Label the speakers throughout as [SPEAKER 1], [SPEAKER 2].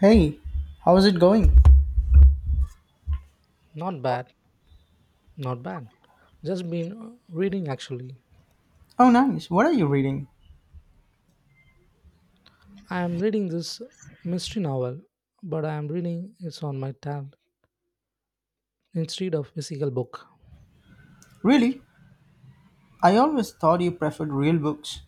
[SPEAKER 1] Hey, how's it going?
[SPEAKER 2] Not bad, not bad. Just been reading actually.
[SPEAKER 1] Oh, nice. What are you reading?
[SPEAKER 2] I am reading this mystery novel, but I am reading it on my tab instead of physical book.
[SPEAKER 1] Really? I always thought you preferred real books.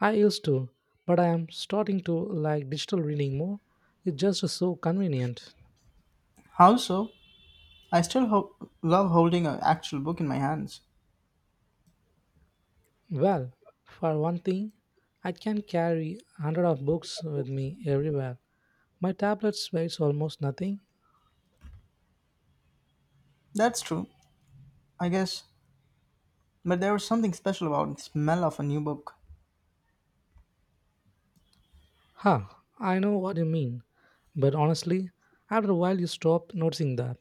[SPEAKER 2] I used to, but I am starting to like digital reading more. It's just so convenient.
[SPEAKER 1] How so? I still love holding an actual book in my hands.
[SPEAKER 2] Well, for one thing, I can carry hundred of books with me everywhere. My tablet weighs almost nothing.
[SPEAKER 1] That's true, I guess. But there was something special about the smell of a new book.
[SPEAKER 2] Huh, I know what you mean. But honestly, after a while you stop noticing that.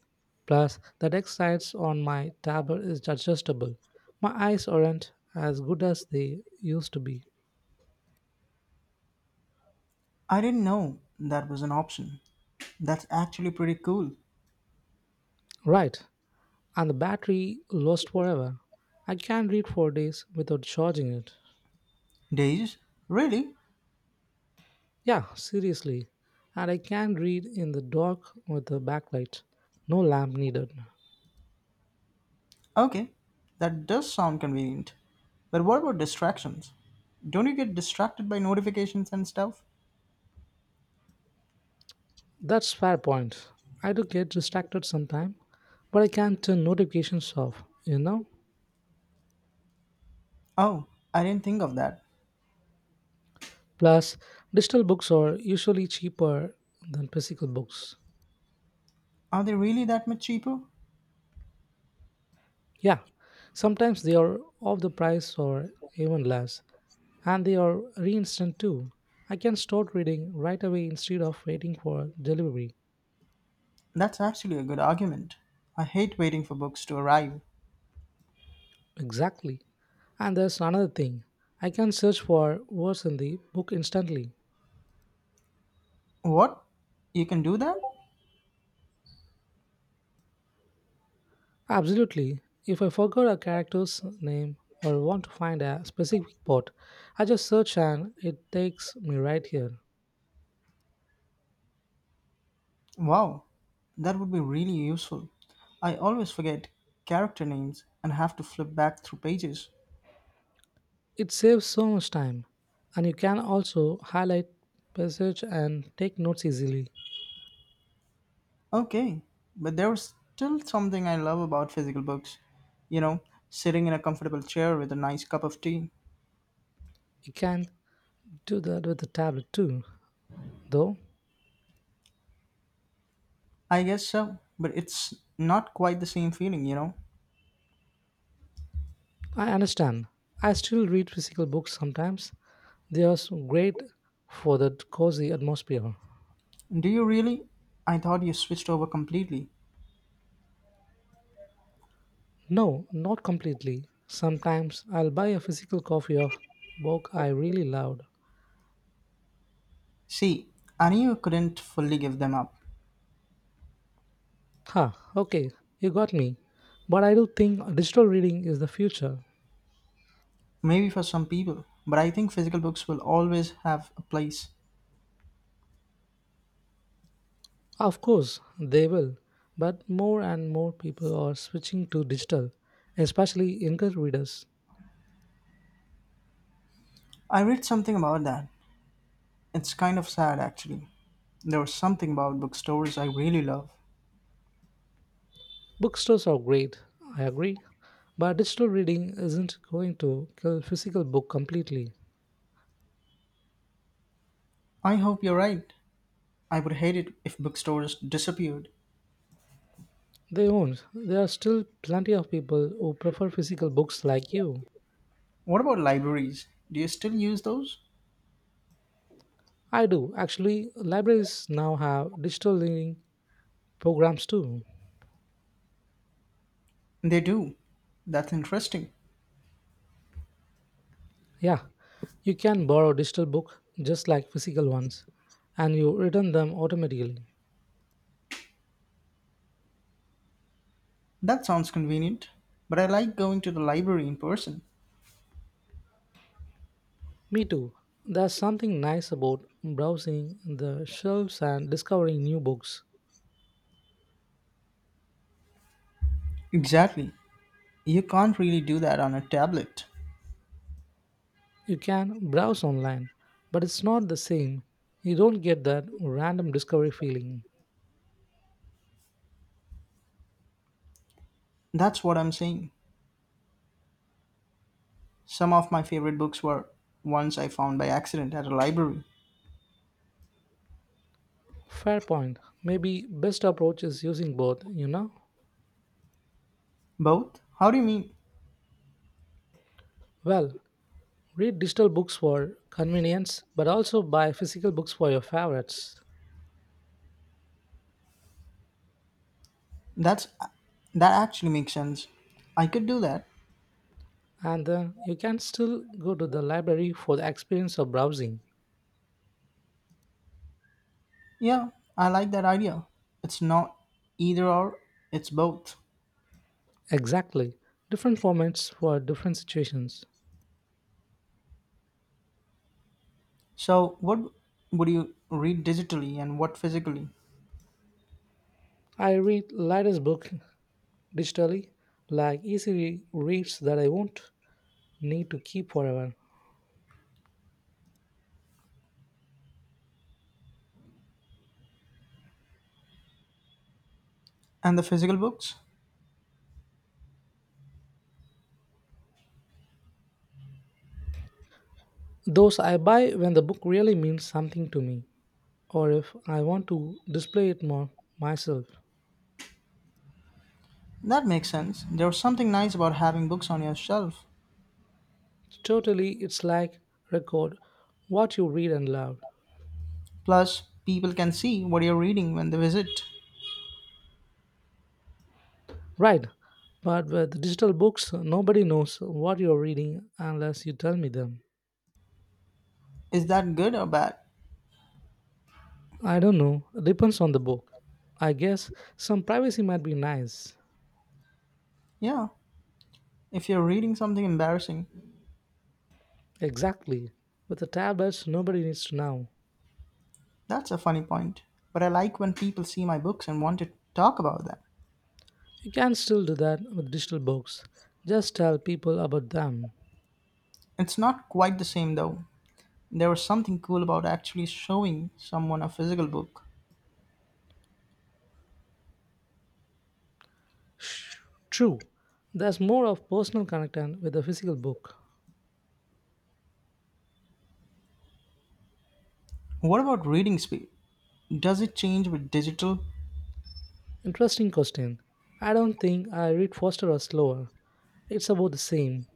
[SPEAKER 2] Plus, the text size on my tablet is adjustable. My eyes aren't as good as they used to be.
[SPEAKER 1] I didn't know that was an option. That's actually pretty cool.
[SPEAKER 2] Right, and the battery lasts forever. I can't read for days without charging it.
[SPEAKER 1] Days? Really?
[SPEAKER 2] Yeah, seriously. And I can read in the dark with the backlight. No lamp needed.
[SPEAKER 1] Okay. That does sound convenient. But what about distractions? Don't you get distracted by notifications and stuff?
[SPEAKER 2] That's fair point. I do get distracted sometimes, but I can turn notifications off, you know?
[SPEAKER 1] Oh, I didn't think of that.
[SPEAKER 2] Plus, digital books are usually cheaper than physical books.
[SPEAKER 1] Are they really that much cheaper?
[SPEAKER 2] Yeah, sometimes they are of the price or even less, and they are reinstant too. I can start reading right away instead of waiting for delivery.
[SPEAKER 1] That's actually a good argument. I hate waiting for books to arrive.
[SPEAKER 2] Exactly. And there's another thing, I can search for words in the book instantly.
[SPEAKER 1] What? You can do that?
[SPEAKER 2] Absolutely. If I forgot a character's name or want to find a specific port, I just search and it takes me right here.
[SPEAKER 1] Wow, that would be really useful. I always forget character names and have to flip back through pages.
[SPEAKER 2] It saves so much time. And you can also highlight passage and take notes easily.
[SPEAKER 1] Okay, but there's still something I love about physical books. You know, sitting in a comfortable chair with a nice cup of tea.
[SPEAKER 2] You can do that with the tablet too, though.
[SPEAKER 1] I guess so, but it's not quite the same feeling, you know?
[SPEAKER 2] I understand. I still read physical books sometimes. They are so great for that cozy atmosphere.
[SPEAKER 1] Do you really? I thought you switched over completely.
[SPEAKER 2] No, not completely. Sometimes I'll buy a physical copy of book I really loved.
[SPEAKER 1] See, I knew you couldn't fully give them up.
[SPEAKER 2] Huh, okay, you got me. But I do think digital reading is the future.
[SPEAKER 1] Maybe for some people, but I think physical books will always have a place.
[SPEAKER 2] Of course, they will. But more and more people are switching to digital, especially younger readers.
[SPEAKER 1] I read something about that. It's kind of sad actually. There was something about bookstores I really love.
[SPEAKER 2] Bookstores are great, I agree. But digital reading isn't going to kill physical book completely.
[SPEAKER 1] I hope you're right. I would hate it if bookstores disappeared.
[SPEAKER 2] They won't. There are still plenty of people who prefer physical books like you.
[SPEAKER 1] What about libraries? Do you still use those?
[SPEAKER 2] I do. Actually, libraries now have digital reading programs too.
[SPEAKER 1] They do. That's interesting.
[SPEAKER 2] Yeah, you can borrow digital book just like physical ones and you return them automatically.
[SPEAKER 1] That sounds convenient. But I like going to the library in person.
[SPEAKER 2] Me too. There's something nice about browsing the shelves and discovering new books.
[SPEAKER 1] Exactly. You can't really do that on a tablet.
[SPEAKER 2] You can browse online, but it's not the same. You don't get that random discovery feeling.
[SPEAKER 1] That's what I'm saying. Some of my favorite books were ones I found by accident at a library.
[SPEAKER 2] Fair point. Maybe best approach is using both, you know?
[SPEAKER 1] Both? How do you mean?
[SPEAKER 2] Well, read digital books for convenience, but also buy physical books for your favorites.
[SPEAKER 1] That's that actually makes sense. I could do that.
[SPEAKER 2] And then you can still go to the library for the experience of browsing.
[SPEAKER 1] Yeah, I like that idea. It's not either or, it's both.
[SPEAKER 2] Exactly. Different formats for different situations.
[SPEAKER 1] So, what would you read digitally and what physically?
[SPEAKER 2] I read lightest book digitally, like easy reads that I won't need to keep forever.
[SPEAKER 1] And the physical books?
[SPEAKER 2] Those I buy when the book really means something to me, or if I want to display it more myself.
[SPEAKER 1] That makes sense. There's something nice about having books on your shelf.
[SPEAKER 2] Totally, it's like record what you read and love.
[SPEAKER 1] Plus, people can see what you're reading when they visit.
[SPEAKER 2] Right, but with digital books, nobody knows what you're reading unless you tell me them.
[SPEAKER 1] Is that good or bad?
[SPEAKER 2] I don't know, depends on the book. I guess some privacy might be nice.
[SPEAKER 1] Yeah. If you're reading something embarrassing.
[SPEAKER 2] Exactly. With the tablets, nobody needs to know.
[SPEAKER 1] That's a funny point. But I like when people see my books and want to talk about them.
[SPEAKER 2] You can still do that with digital books. Just tell people about them.
[SPEAKER 1] It's not quite the same though. There was something cool about actually showing someone a physical book.
[SPEAKER 2] Sh- True. There's more of personal connection with a physical book.
[SPEAKER 1] What about reading speed? Does it change with digital?
[SPEAKER 2] Interesting question. I don't think I read faster or slower. It's about the same.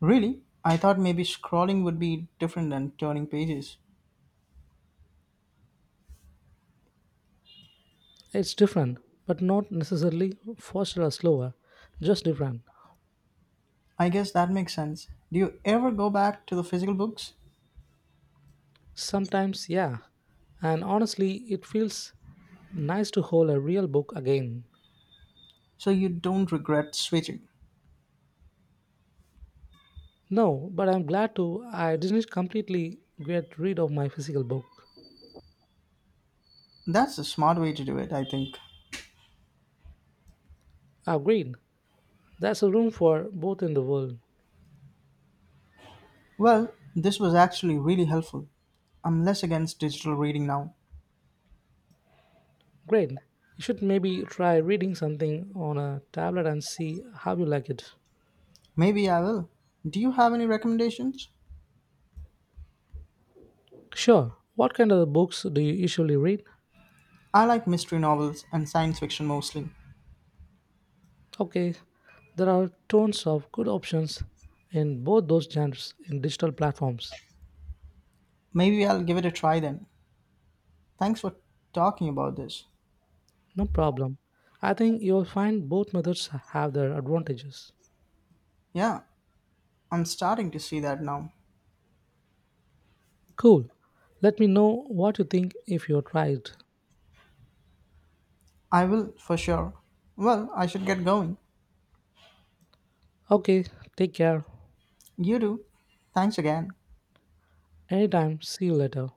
[SPEAKER 1] Really? I thought maybe scrolling would be different than turning pages.
[SPEAKER 2] It's different, but not necessarily faster or slower, just different.
[SPEAKER 1] I guess that makes sense. Do you ever go back to the physical books?
[SPEAKER 2] Sometimes, yeah. And honestly, it feels nice to hold a real book again.
[SPEAKER 1] So you don't regret switching.
[SPEAKER 2] No, but I'm glad to. I didn't completely get rid of my physical book.
[SPEAKER 1] That's a smart way to do it, I think.
[SPEAKER 2] Ah, great. There's a room for both in the world.
[SPEAKER 1] Well, this was actually really helpful. I'm less against digital reading now.
[SPEAKER 2] Great. You should maybe try reading something on a tablet and see how you like it.
[SPEAKER 1] Maybe I will. Do you have any recommendations?
[SPEAKER 2] Sure. What kind of books do you usually read?
[SPEAKER 1] I like mystery novels and science fiction mostly.
[SPEAKER 2] Okay, there are tons of good options in both those genres in digital platforms.
[SPEAKER 1] Maybe I'll give it a try then. Thanks for talking about this.
[SPEAKER 2] No problem. I think you'll find both methods have their advantages.
[SPEAKER 1] Yeah, I'm starting to see that now.
[SPEAKER 2] Cool. Let me know what you think if you tried.
[SPEAKER 1] I will, for sure. Well, I should get going.
[SPEAKER 2] Okay, take care.
[SPEAKER 1] You do. Thanks again.
[SPEAKER 2] Anytime, see you later.